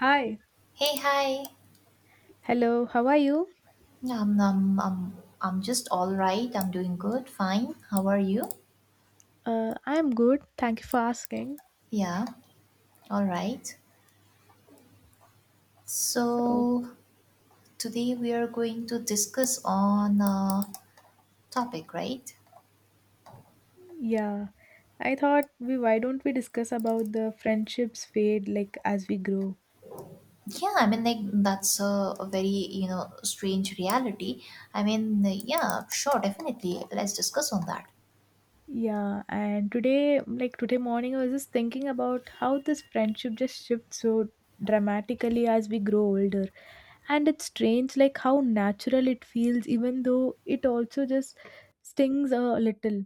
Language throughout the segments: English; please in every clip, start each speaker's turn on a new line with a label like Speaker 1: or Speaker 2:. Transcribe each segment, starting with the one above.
Speaker 1: Hi.
Speaker 2: Hey, hi.
Speaker 1: Hello, how are you?
Speaker 2: Um, um, um, I'm just all right. I'm doing good, fine. How are you?
Speaker 1: I'm good. Thank you for asking.
Speaker 2: Yeah, all right.
Speaker 1: So,
Speaker 2: So today we are going to discuss on a topic, right?
Speaker 1: yeah, I thought we why don't we discuss about the friendships fade like as we grow.
Speaker 2: Yeah, I mean, like that's a very you know strange reality. I mean, yeah, sure, definitely. Let's discuss on that.
Speaker 1: Yeah, and today like today morning I was just thinking about how this friendship just shifts so dramatically as we grow older. And it's strange like how natural it feels even though it also just stings a little.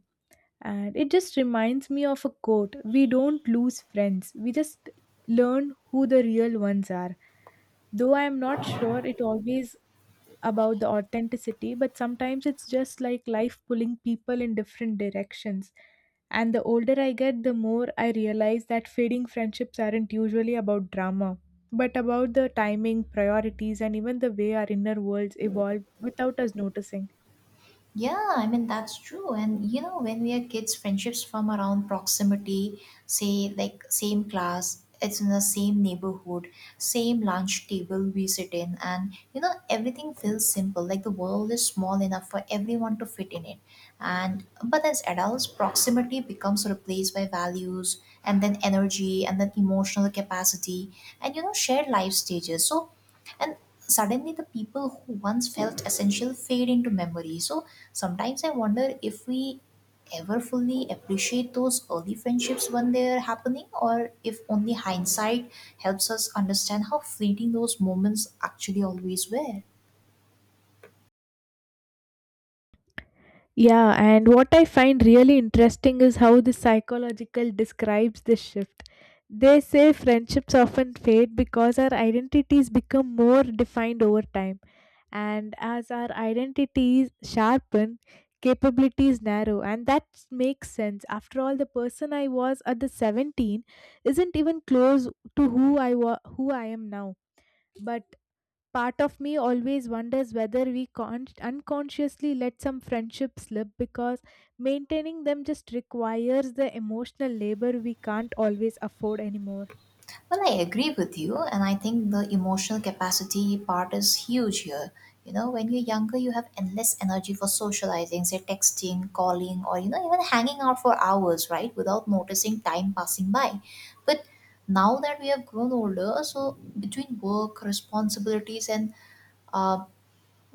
Speaker 1: And it just reminds me of a quote: we don't lose friends, we just learn who the real ones are. Though I am not sure it always about the authenticity, but sometimes it's just like life pulling people in different directions. And the older I get, the more I realize that fading friendships aren't usually about drama, but about the timing, priorities, and even the way our inner worlds evolve without us noticing.
Speaker 2: Yeah, I mean, that's true. And you know, when we are kids, friendships form around proximity, say, like same class, it's in the same neighborhood, same lunch table we sit in, and you know, everything feels simple. Like the world is small enough for everyone to fit in it. And but as adults, proximity becomes replaced by values and then energy and then emotional capacity and you know, shared life stages. So and suddenly the people who once felt essential fade into memory, so sometimes I wonder if we ever fully appreciate those early friendships when they're happening, or if only hindsight helps us understand how fleeting those moments actually always were.
Speaker 1: Yeah, and what I find really interesting is how the psychological describes this shift. They say friendships often fade because our identities become more defined over time. And as our identities sharpen, capabilities narrow. And that makes sense. After all, the person I was at the 17 isn't even close to who I am now. But part of me always wonders whether we unconsciously let some friendships slip because maintaining them just requires the emotional labor we can't always afford anymore.
Speaker 2: Well, I agree with you, and I think the emotional capacity part is huge here. You know, when you're younger, you have endless energy for socializing, say texting, calling, or you know, even hanging out for hours, right, without noticing time passing by. But now that we have grown older, so between work, responsibilities, and uh,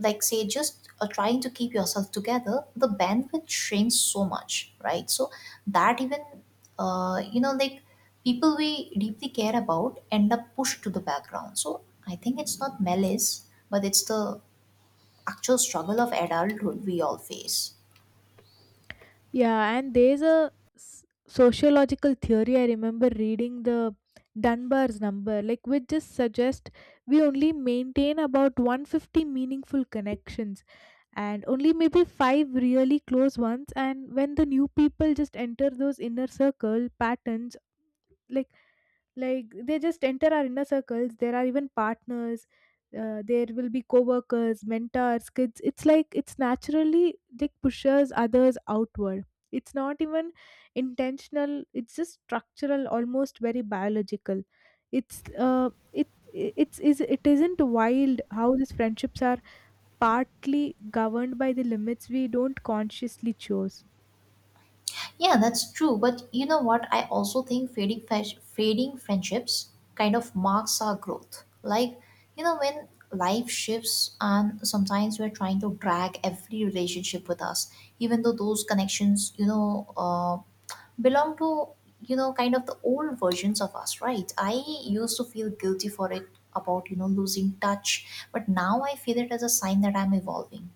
Speaker 2: like say just trying to keep yourself together, the bandwidth shrinks so much, right? So that even you know like people we deeply care about end up pushed to the background. So I think it's not malice, but it's the actual struggle of adulthood we all face.
Speaker 1: Yeah, and there's a sociological theory I remember reading, the Dunbar's number, like which just suggests we only maintain about 150 meaningful connections and only maybe five really close ones. And when the new people just enter those inner circle patterns, like like they just enter our inner circles, there are even partners, there will be co-workers, mentors, kids. It's like it's naturally like pushes others outward. It's not even intentional, it's just structural, almost very biological. It's uh it it- it's is it isn't wild how these friendships are partly governed by the limits we don't consciously choose.
Speaker 2: Yeah, that's true. But you know what? I also think fading friendships kind of marks our growth. Like, you know, when life shifts and sometimes we're trying to drag every relationship with us, even though those connections, you know, belong to, you know, kind of the old versions of us, right? I used to feel guilty for it about, you know, losing touch, but now I feel it as a sign that I'm evolving,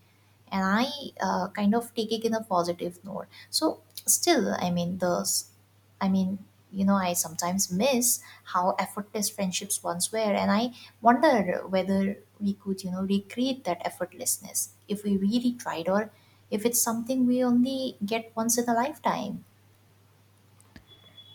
Speaker 2: and I kind of take it in a positive note. So still, I mean I mean, you know I sometimes miss how effortless friendships once were, and I wonder whether we could you know recreate that effortlessness if we really tried, or if it's something we only get once in a lifetime.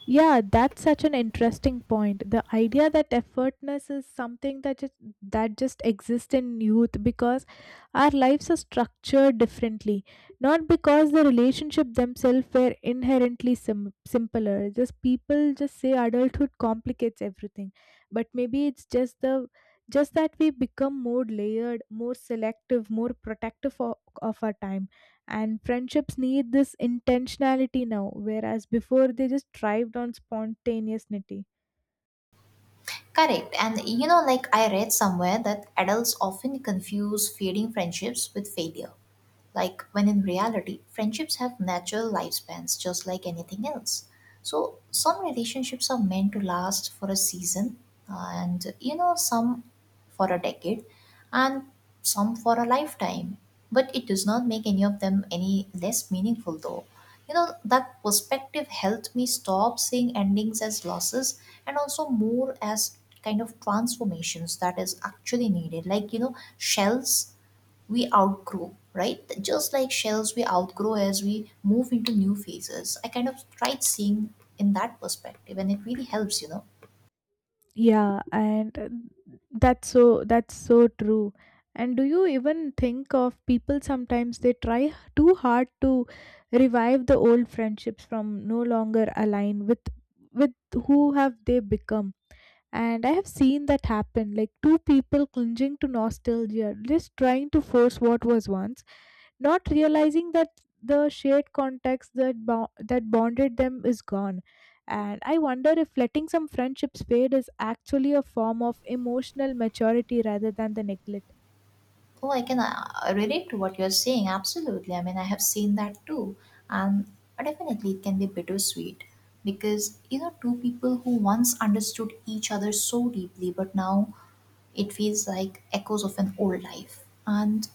Speaker 1: Yeah, that's such an interesting point. The idea that effortness is something that just exists in youth because our lives are structured differently, not because the relationship themselves were inherently simpler. Just people just say adulthood complicates everything, but maybe it's just that we become more layered, more selective, more protective of our time, and friendships need this intentionality now whereas before they just thrived on spontaneity.
Speaker 2: Correct. And you know, like I read somewhere that adults often confuse fading friendships with failure. Like when in reality, friendships have natural lifespans just like anything else. So some relationships are meant to last for a season, and you know some for a decade, and some for a lifetime. But it does not make any of them any less meaningful though. You know that perspective helped me stop seeing endings as losses, and also more as kind of transformations that is actually needed, like you know shells we outgrow, right? Just like shells, we outgrow as we move into new phases. I kind of tried seeing in that perspective, and it really helps, you know.
Speaker 1: Yeah, and that's so, that's so true. And do you even think of people sometimes they try too hard to revive the old friendships from no longer align with who have they become. And I have seen that happen, like two people clinging to nostalgia, just trying to force what was once, not realizing that the shared context that, that bonded them is gone. And I wonder if letting some friendships fade is actually a form of emotional maturity rather than the neglect.
Speaker 2: Oh, I can relate to what you're saying. Absolutely. I mean, I have seen that too. And definitely, it can be bittersweet because, you know, two people who once understood each other so deeply, but now it feels like echoes of an old life. And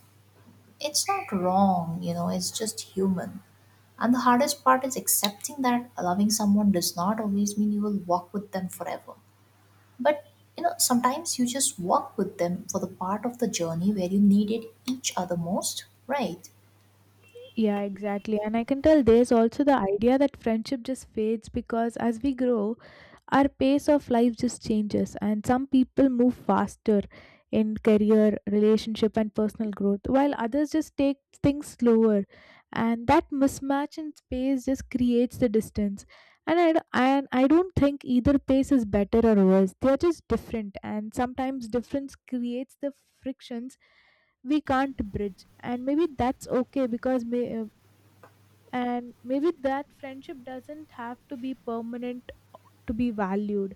Speaker 2: it's not wrong, you know, it's just human. And the hardest part is accepting that loving someone does not always mean you will walk with them forever. But, you know, sometimes you just walk with them for the part of the journey where you needed each other most, right?
Speaker 1: Yeah, exactly. And I can tell there's also the idea that friendship just fades because as we grow, our pace of life just changes, and some people move faster in career, relationship, and personal growth, while others just take things slower. And that mismatch in space just creates the distance. And I don't think either pace is better or worse. They're just different, and sometimes difference creates the frictions we can't bridge. And maybe that's okay because maybe that friendship doesn't have to be permanent to be valued.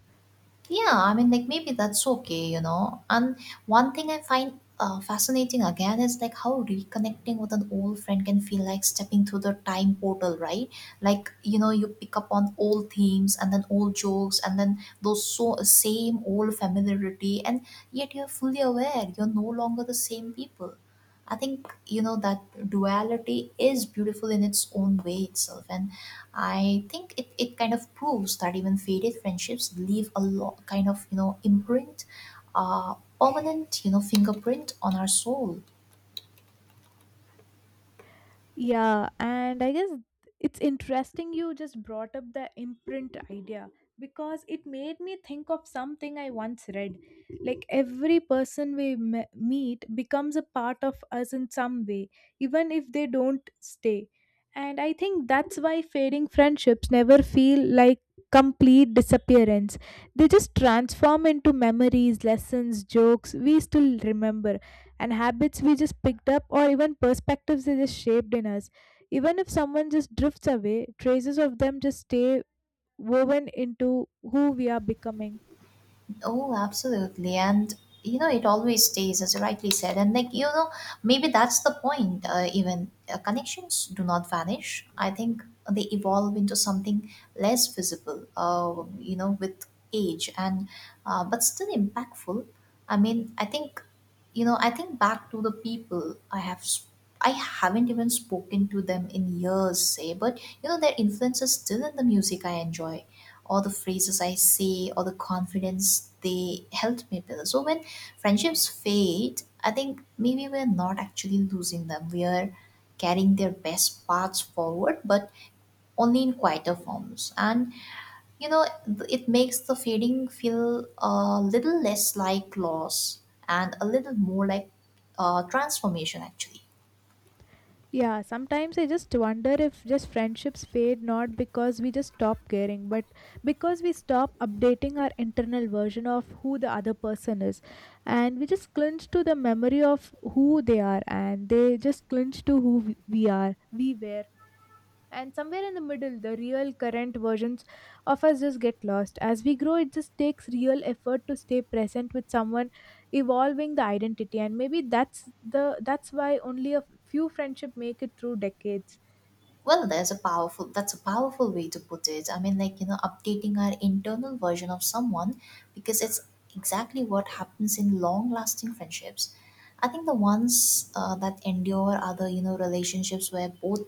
Speaker 2: Yeah, I mean, like maybe that's okay, you know. And one thing I find fascinating again is like how reconnecting with an old friend can feel like stepping through the time portal, right? Like you know, you pick up on old themes and then old jokes and then those so same old familiarity, and yet you're fully aware you're no longer the same people. I think you know that duality is beautiful in its own way itself, and I think it kind of proves that even faded friendships leave a lot kind of you know imprint, permanent you know fingerprint on our soul.
Speaker 1: Yeah, and I guess it's interesting you just brought up the imprint idea because it made me think of something I once read. Like every person we meet becomes a part of us in some way, even if they don't stay. And I think that's why fading friendships never feel like complete disappearance. They just transform into memories, lessons, jokes we still remember, and habits we just picked up, or even perspectives they just shaped in us. Even if someone just drifts away, traces of them just stay woven into who we are becoming.
Speaker 2: Oh, absolutely. And you know, it always stays, as you rightly said. And like, you know, maybe that's the point. Even connections do not vanish. I think they evolve into something less visible, you know, with age, and but still impactful. I mean, I think, you know, I think back to the people I have. I haven't even spoken to them in years, say, but you know, their influence is still in the music I enjoy, all the phrases I say, all the confidence they helped me build. So when friendships fade, I think maybe we're not actually losing them. We are carrying their best parts forward, but only in quieter forms. And you know, it makes the fading feel a little less like loss and a little more like transformation, actually.
Speaker 1: Yeah, sometimes I just wonder if just friendships fade not because we just stop caring, but because we stop updating our internal version of who the other person is. And we just clinch to the memory of who they are, and they just clinch to who we were. And somewhere in the middle, the real current versions of us just get lost as we grow. It just takes real effort to stay present with someone evolving the identity, and maybe that's why only a few friendship make it through decades.
Speaker 2: Well, there's a powerful That's a powerful way to put it. I mean, like, you know, updating our internal version of someone, because it's exactly what happens in long-lasting friendships. I think the ones that endure are the, you know, relationships where both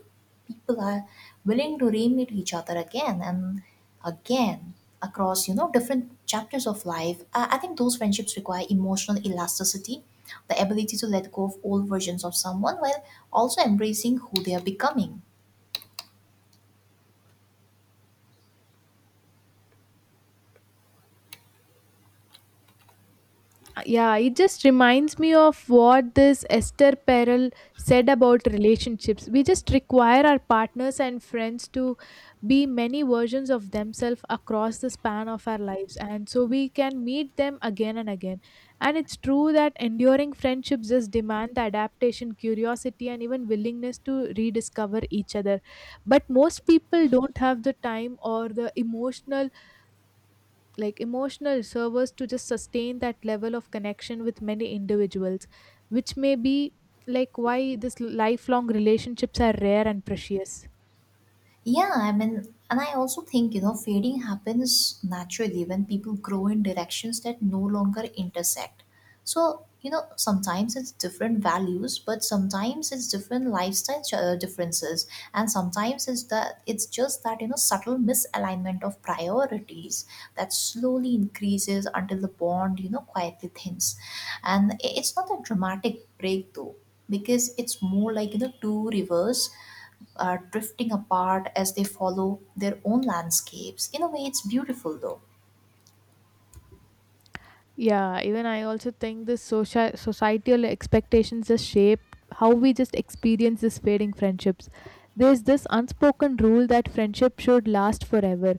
Speaker 2: people are willing to re-meet each other again and again across, you know, different chapters of life. I think those friendships require emotional elasticity, the ability to let go of old versions of someone while also embracing who they are becoming.
Speaker 1: Yeah, it just reminds me of what this Esther Perel said about relationships. We just require our partners and friends to be many versions of themselves across the span of our lives, and so we can meet them again and again. And it's true that enduring friendships just demand the adaptation, curiosity, and even willingness to rediscover each other. But most people don't have the time or the emotional, like emotional servers to just sustain that level of connection with many individuals, which may be like why this lifelong relationships are rare and precious.
Speaker 2: Yeah, I mean, and I also think, you know, fading happens naturally when people grow in directions that no longer intersect. So, you know, sometimes it's different values, but sometimes it's different lifestyle differences, and sometimes it's that it's just that you know subtle misalignment of priorities that slowly increases until the bond you know quietly thins, and it's not a dramatic break though, because it's more like you know two rivers drifting apart as they follow their own landscapes. In a way, it's beautiful though.
Speaker 1: Yeah, even I also think this social societal expectations just shape how we just experience this fading friendships. There's this unspoken rule that friendship should last forever,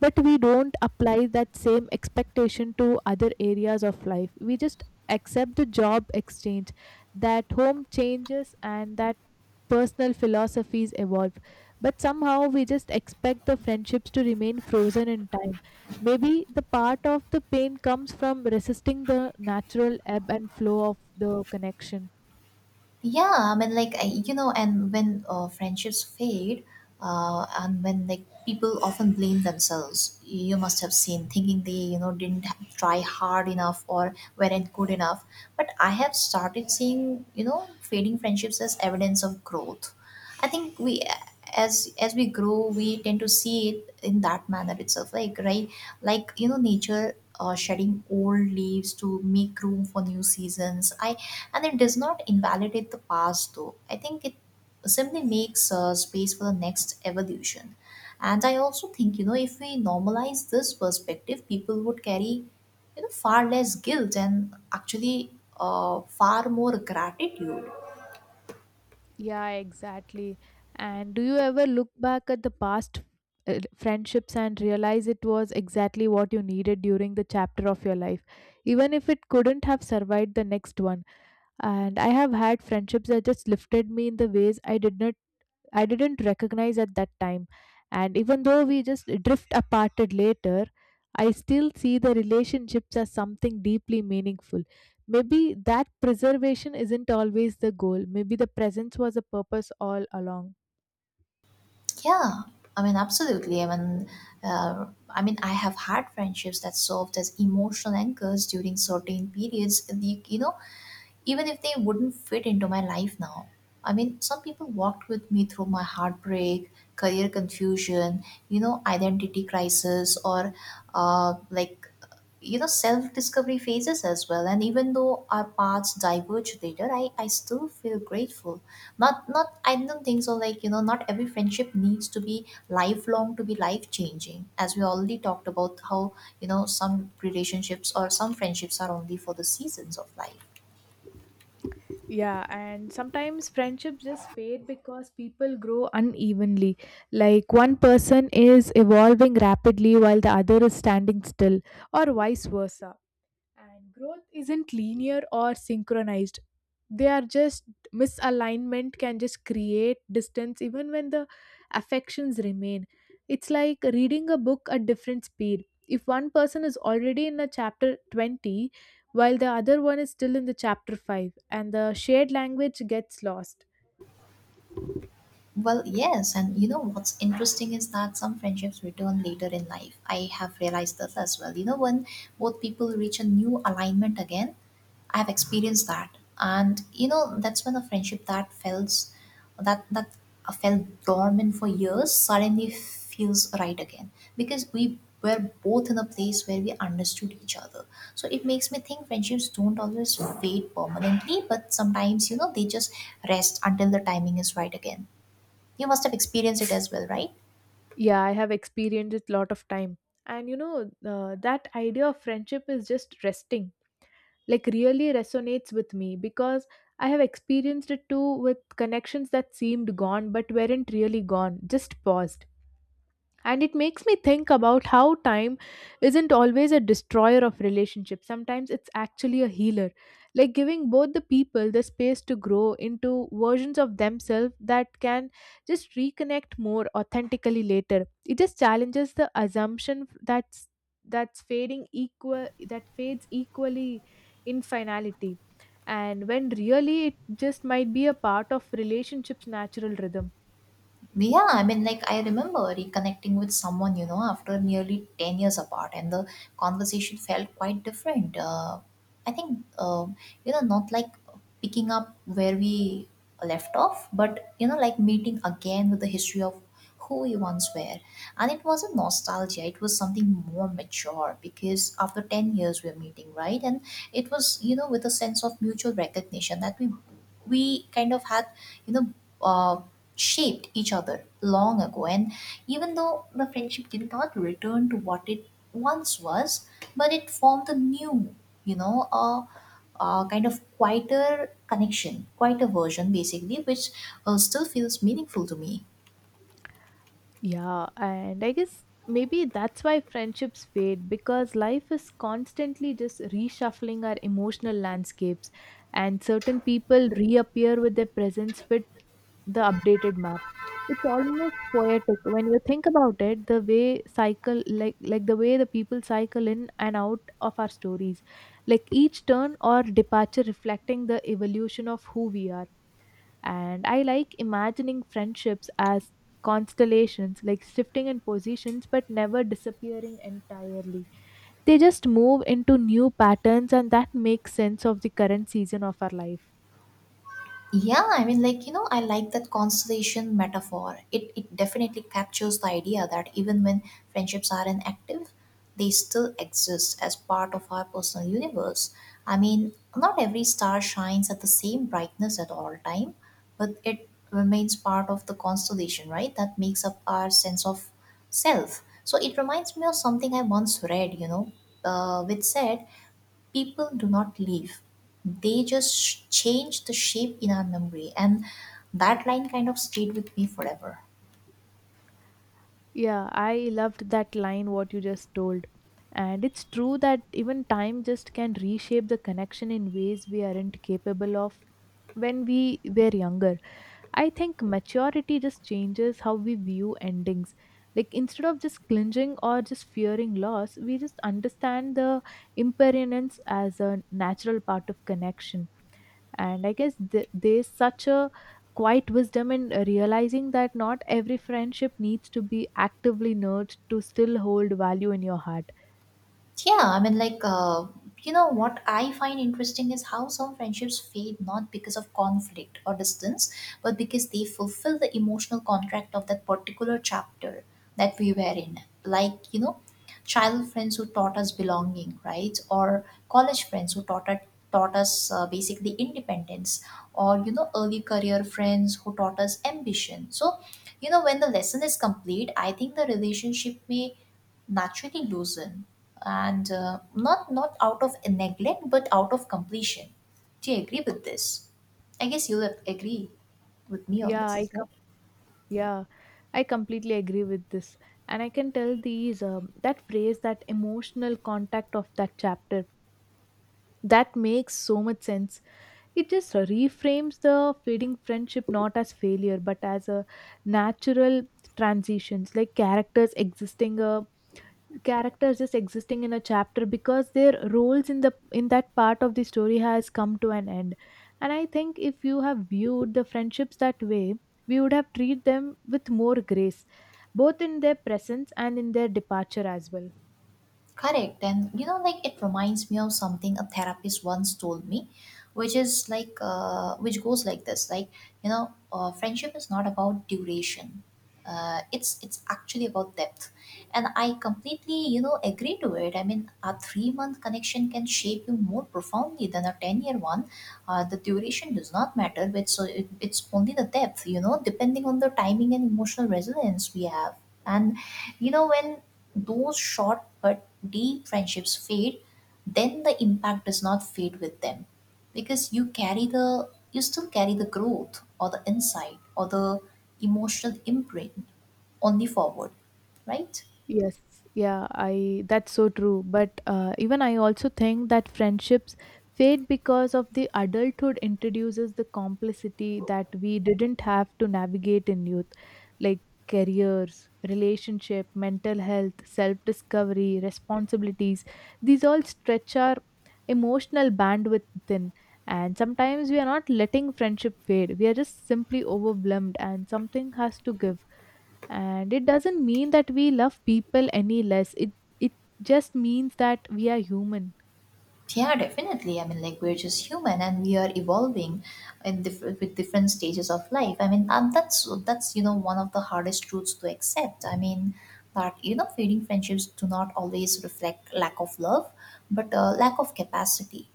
Speaker 1: but we don't apply that same expectation to other areas of life. We just accept the job exchange, that home changes, and that personal philosophies evolve. But somehow we just expect the friendships to remain frozen in time. Maybe the part of the pain comes from resisting the natural ebb and flow of the connection.
Speaker 2: Yeah, I mean, you know, and when friendships fade, and when like people often blame themselves, you must have seen, thinking they you know didn't try hard enough or weren't good enough. But I have started seeing you know fading friendships as evidence of growth. I think we as we grow, we tend to see it in that manner itself, like right, like you know, nature shedding old leaves to make room for new seasons. I And it does not invalidate the past though. I think it simply makes space for the next evolution. And I also think, you know, if we normalize this perspective, people would carry you know far less guilt, and actually far more gratitude.
Speaker 1: Yeah, exactly. And do you ever look back at the past friendships and realize it was exactly what you needed during the chapter of your life, even if it couldn't have survived the next one? And I have had friendships that just lifted me in the ways I didn't recognize at that time. And even though we just drift aparted later, I still see the relationships as something deeply meaningful. Maybe that preservation isn't always the goal. Maybe the presence was a purpose all along.
Speaker 2: Yeah, I mean absolutely. Uh, I mean I have had friendships that served as emotional anchors during certain periods, the you know, even if they wouldn't fit into my life now. I mean, some people walked with me through my heartbreak, career confusion, you know, identity crisis, or uh, like, you know, self discovery phases as well. And even though our paths diverged later, I still feel grateful. Not, not, I don't think so. Like, you know, not every friendship needs to be lifelong to be life changing. As we already talked about, how, you know, some relationships or some friendships are only for the seasons of life.
Speaker 1: Yeah, and sometimes friendships just fade because people grow unevenly. Like one person is evolving rapidly while the other is standing still, or vice versa. And growth isn't linear or synchronized. They are just misalignment can just create distance even when the affections remain. It's like reading a book at different speed. If one person is already in a chapter 20 while the other one is still in the chapter 5 and the shared language gets lost.
Speaker 2: Well, yes, and you know what's interesting is that some friendships return later in life. I have realized this as well. You know, when both people reach a new alignment again, I've experienced that, and you know that's when a friendship that felt that that felt dormant for years suddenly feels right again, because we were both in a place where we understood each other. So it makes me think friendships don't always fade permanently, but sometimes you know they just rest until the timing is right again. You must have experienced it as well, right?
Speaker 1: Yeah, I have experienced it lot of time. And you know, that idea of friendship is just resting, like really resonates with me because I have experienced it too with connections that seemed gone but weren't really gone, just paused. And it makes me think about how time isn't always a destroyer of relationships. Sometimes it's actually a healer, like giving both the people the space to grow into versions of themselves that can just reconnect more authentically later. It just challenges the assumption that's fading equal that fades equally in finality, and when really it just might be a part of relationships natural rhythm.
Speaker 2: Yeah, I mean, like, I remember reconnecting with someone, you know, after nearly 10 years apart, and the conversation felt quite different. I think, uh, you know, not like picking up where we left off, but, you know, like meeting again with the history of who we once were. And it wasn't nostalgia, it was something more mature because after 10 years we are meeting, right? And it was, with a sense of mutual recognition that we kind of had you know uh, shaped each other long ago, and even though the friendship did not return to what it once was, but it formed a new, you know a, a kind of quieter connection, quieter version basically, which still feels meaningful to me.
Speaker 1: Yeah, and I guess maybe that's why friendships fade because life is constantly just reshuffling our emotional landscapes, and certain people reappear with their presence fit the updated map. It's almost poetic when you think about it, the way cycle like the way the people cycle in and out of our stories, like each turn or departure reflecting the evolution of who we are. And I like imagining friendships as constellations, like shifting in positions but never disappearing entirely. They just move into new patterns, and that makes sense of the current season of our life.
Speaker 2: Yeah, I mean, like, I like that constellation metaphor. It definitely captures the idea that even when friendships are inactive, they still exist as part of our personal universe. I mean, not every star shines at the same brightness at all time, but it remains part of the constellation, right? That makes up our sense of self. So it reminds me of something I once read, which said people do not leave. They just change the shape in our memory, and that line kind of stayed with me forever.
Speaker 1: Yeah, I loved that line, what you just told. And it's true that even time just can reshape the connection in ways we aren't capable of when we were younger. I think maturity just changes how we view endings. Like instead of just clinging or just fearing loss, we just understand the impermanence as a natural part of connection. And I guess there's such a quiet wisdom in realizing that not every friendship needs to be actively nurtured to still hold value in your heart.
Speaker 2: Yeah, I mean, like, what I find interesting is how some friendships fade not because of conflict or distance, but because they fulfill the emotional contract of that particular chapter that we were in. Like, child friends who taught us belonging, right? Or college friends who taught us basically independence, or early career friends who taught us ambition. So, when the lesson is complete, I think the relationship may naturally loosen, and not out of neglect, but out of completion. Do you agree with this? I guess you'll agree with me on
Speaker 1: Yeah,
Speaker 2: this,
Speaker 1: I
Speaker 2: right?
Speaker 1: com- yeah, I completely agree with this, and I can tell these that phrase that emotional contact of that chapter. That makes so much sense. It just reframes the fading friendship not as failure but as a natural transitions, like characters just existing in a chapter because their roles in the in that part of the story has come to an end. And I think if you have viewed the friendships that way, we would have treated them with more grace, both in their presence and in their departure as well.
Speaker 2: Correct. And like, it reminds me of something a therapist once told me, which is like, which goes like this: like, friendship is not about duration. It's actually about depth, and I completely agree to it. I mean, a 3-month connection can shape you more profoundly than a 10-year one. The duration does not matter, but so it's only the depth. Depending on the timing and emotional resonance we have, and when those short but deep friendships fade, then the impact does not fade with them, because you still carry the growth or the insight or the emotional imprint only forward, right?
Speaker 1: Yes, yeah, I that's so true. But even I also think that friendships fade because of the adulthood introduces the complexity that we didn't have to navigate in youth, like careers, relationship, mental health, self-discovery, responsibilities. These all stretch our emotional bandwidth thin. And sometimes we are not letting friendship fade. We are just simply overwhelmed and something has to give, and it doesn't mean that we love people any less. It just means that we are human.
Speaker 2: Yeah, definitely. I mean, like, we're just human, and we are evolving in with different stages of life. I mean, that's one of the hardest truths to accept. I mean, that fading friendships do not always reflect lack of love, but lack of capacity.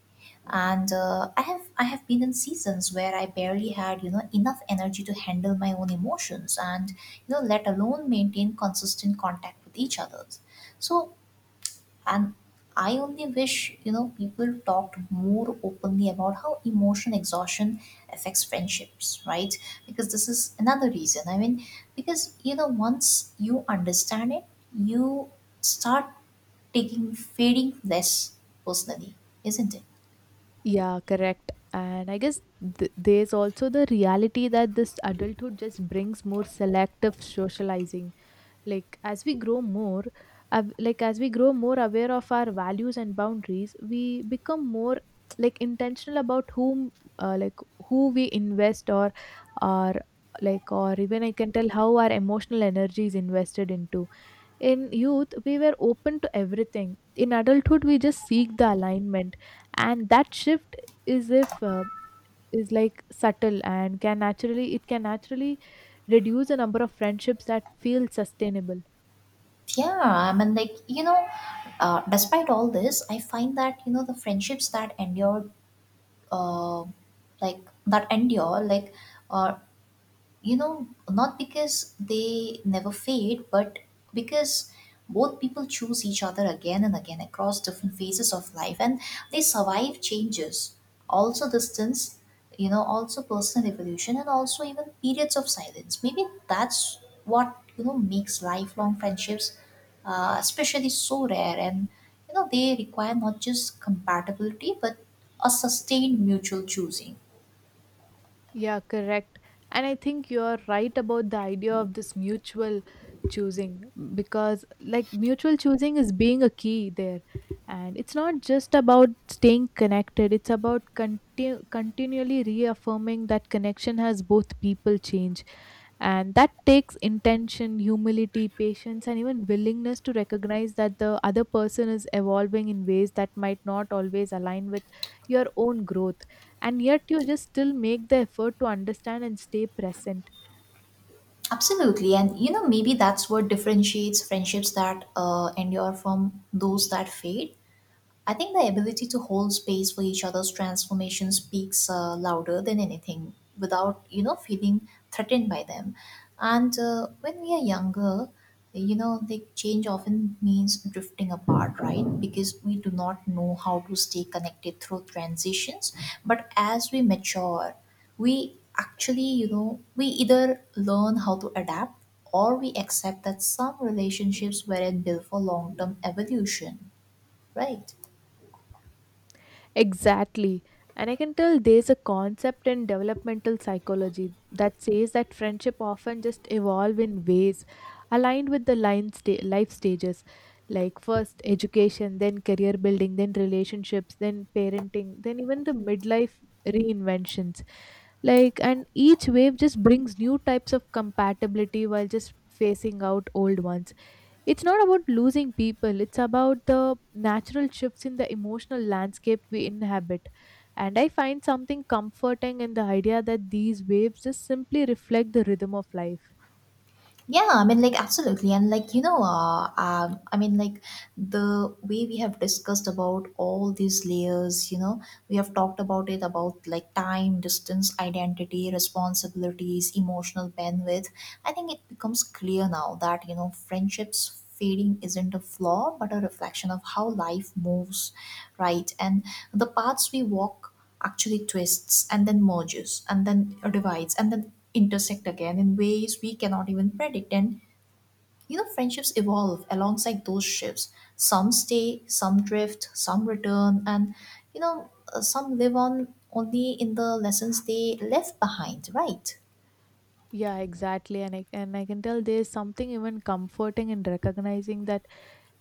Speaker 2: And I have been in seasons where I barely had enough energy to handle my own emotions, and let alone maintain consistent contact with each other. So, and I only wish, people talked more openly about how emotional exhaustion affects friendships, right? Because this is another reason. I mean, because, once you understand it, you start taking fading less personally, isn't it?
Speaker 1: Yeah, correct. And I guess there's also the reality that this adulthood just brings more selective socializing, like as we grow more like as we grow more aware of our values and boundaries, we become more like intentional about whom, like who we invest or like, or even I can tell how our emotional energy is invested into. In youth we were open to everything; in adulthood we just seek the alignment. And that shift is, if is like subtle and can naturally, it can naturally reduce the number of friendships that feel sustainable.
Speaker 2: Yeah, I mean, like, despite all this, I find that, the friendships that endure, uh, like, that endure, like, uh, not because they never fade, but because both people choose each other again and again across different phases of life, and they survive changes, also distance, also personal evolution, and also even periods of silence. Maybe that's what makes lifelong friendships especially so rare, and they require not just compatibility, but a sustained mutual choosing.
Speaker 1: Yeah, correct. And I think you're right about the idea of this mutual choosing, because, like, mutual choosing is being a key there. And it's not just about staying connected, it's about continually reaffirming that connection has both people change, and that takes intention, humility, patience, and even willingness to recognize that the other person is evolving in ways that might not always align with your own growth, and yet you just still make the effort to understand and stay present.
Speaker 2: Absolutely. And maybe that's what differentiates friendships that endure from those that fade. I think the ability to hold space for each other's transformation speaks louder than anything, without, feeling threatened by them. And when we are younger, the change often means drifting apart, right? Because we do not know how to stay connected through transitions. But as we mature, we actually, we either learn how to adapt, or we accept that some relationships weren't built for long term evolution, right?
Speaker 1: Exactly. And I can tell there's a concept in developmental psychology that says that friendship often just evolve in ways aligned with the life stages, like first education, then career building, then relationships, then parenting, then even the midlife reinventions. Like, and each wave just brings new types of compatibility while just facing out old ones. It's not about losing people, it's about the natural shifts in the emotional landscape we inhabit. And I find something comforting in the idea that these waves just simply reflect the rhythm of life.
Speaker 2: Yeah, I mean, like, absolutely. And, like, I mean, like, the way we have discussed about all these layers, we have talked about it about like time, distance, identity, responsibilities, emotional bandwidth. I think it becomes clear now that, friendships fading isn't a flaw, but a reflection of how life moves, right? And the paths we walk actually twists and then merges and then divides and then intersect again in ways we cannot even predict. And friendships evolve alongside those shifts. Some stay, some drift, some return, and some live on only in the lessons they left behind, right?
Speaker 1: Yeah, exactly. And I can tell there's something even comforting in recognizing that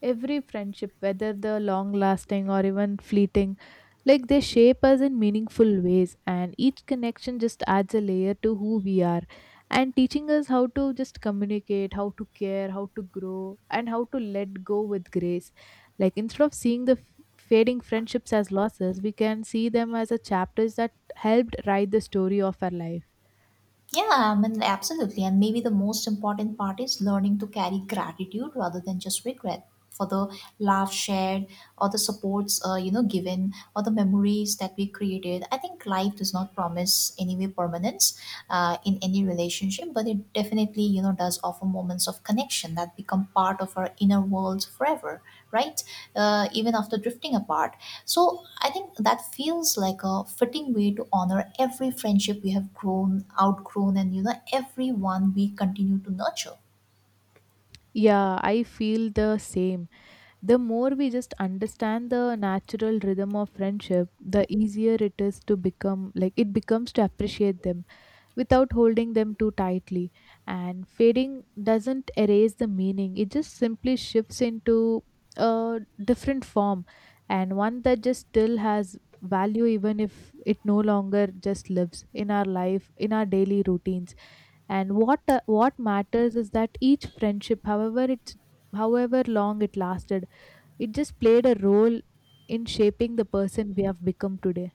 Speaker 1: every friendship, whether the long lasting or even fleeting, like, they shape us in meaningful ways, and each connection just adds a layer to who we are and teaching us how to just communicate, how to care, how to grow, and how to let go with grace. Like, instead of seeing the fading friendships as losses, we can see them as a chapters that helped write the story of our life.
Speaker 2: Yeah, I mean, absolutely. And maybe the most important part is learning to carry gratitude rather than just regret for the love shared, or the supports, given, or the memories that we created. I think life does not promise anyway permanence in any relationship, but it definitely, does offer moments of connection that become part of our inner world forever, right? Even after drifting apart. So I think that feels like a fitting way to honor every friendship we have grown, outgrown, and everyone we continue to nurture.
Speaker 1: Yeah, I feel the same. The more we just understand the natural rhythm of friendship, the easier it is to become, like it becomes to appreciate them without holding them too tightly. And fading doesn't erase the meaning, it just simply shifts into a different form, and one that just still has value, even if it no longer just lives in our life in our daily routines. And what matters is that each friendship, however long it lasted, it just played a role in shaping the person we have become today.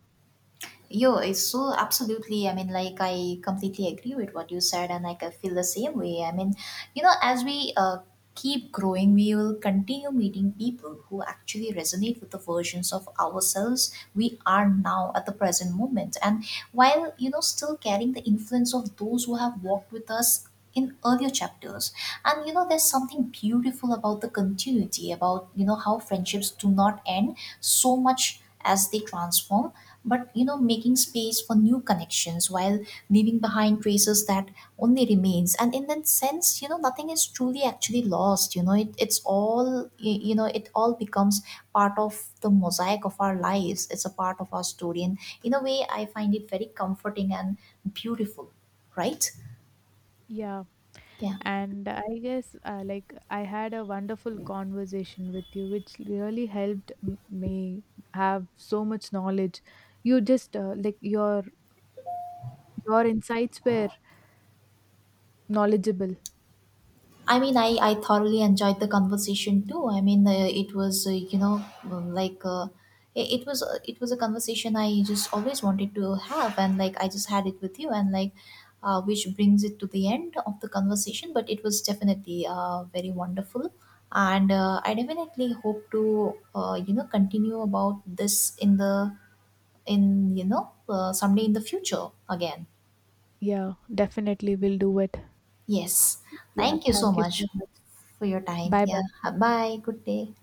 Speaker 2: Yo, it's so absolutely. I mean, like, I completely agree with what you said, and like, I feel the same way. I mean, as we keep growing, we will continue meeting people who actually resonate with the versions of ourselves we are now at the present moment. And while, still carrying the influence of those who have walked with us in earlier chapters, and there's something beautiful about the continuity, about how friendships do not end so much as they transform, but making space for new connections while leaving behind traces that only remains. And in that sense, nothing is truly actually lost. It's all it all becomes part of the mosaic of our lives. It's a part of our story, and in a way, I find it very comforting and beautiful, right?
Speaker 1: Yeah,
Speaker 2: Yeah.
Speaker 1: and I guess like I had a wonderful conversation with you, which really helped me have so much knowledge. You just, like, your insights were knowledgeable.
Speaker 2: I mean, I thoroughly enjoyed the conversation too. I mean, it was like it was a conversation I just always wanted to have, and like I just had it with you, and like which brings it to the end of the conversation. But it was definitely very wonderful, and I definitely hope to continue about this in the in you know someday in the future again.
Speaker 1: Yeah, definitely we'll do it.
Speaker 2: Yes.
Speaker 1: Yeah,
Speaker 2: Thank you so
Speaker 1: thank you
Speaker 2: much
Speaker 1: so much.
Speaker 2: for your time.
Speaker 1: Bye
Speaker 2: Yeah.
Speaker 1: bye.
Speaker 2: Bye. Good day.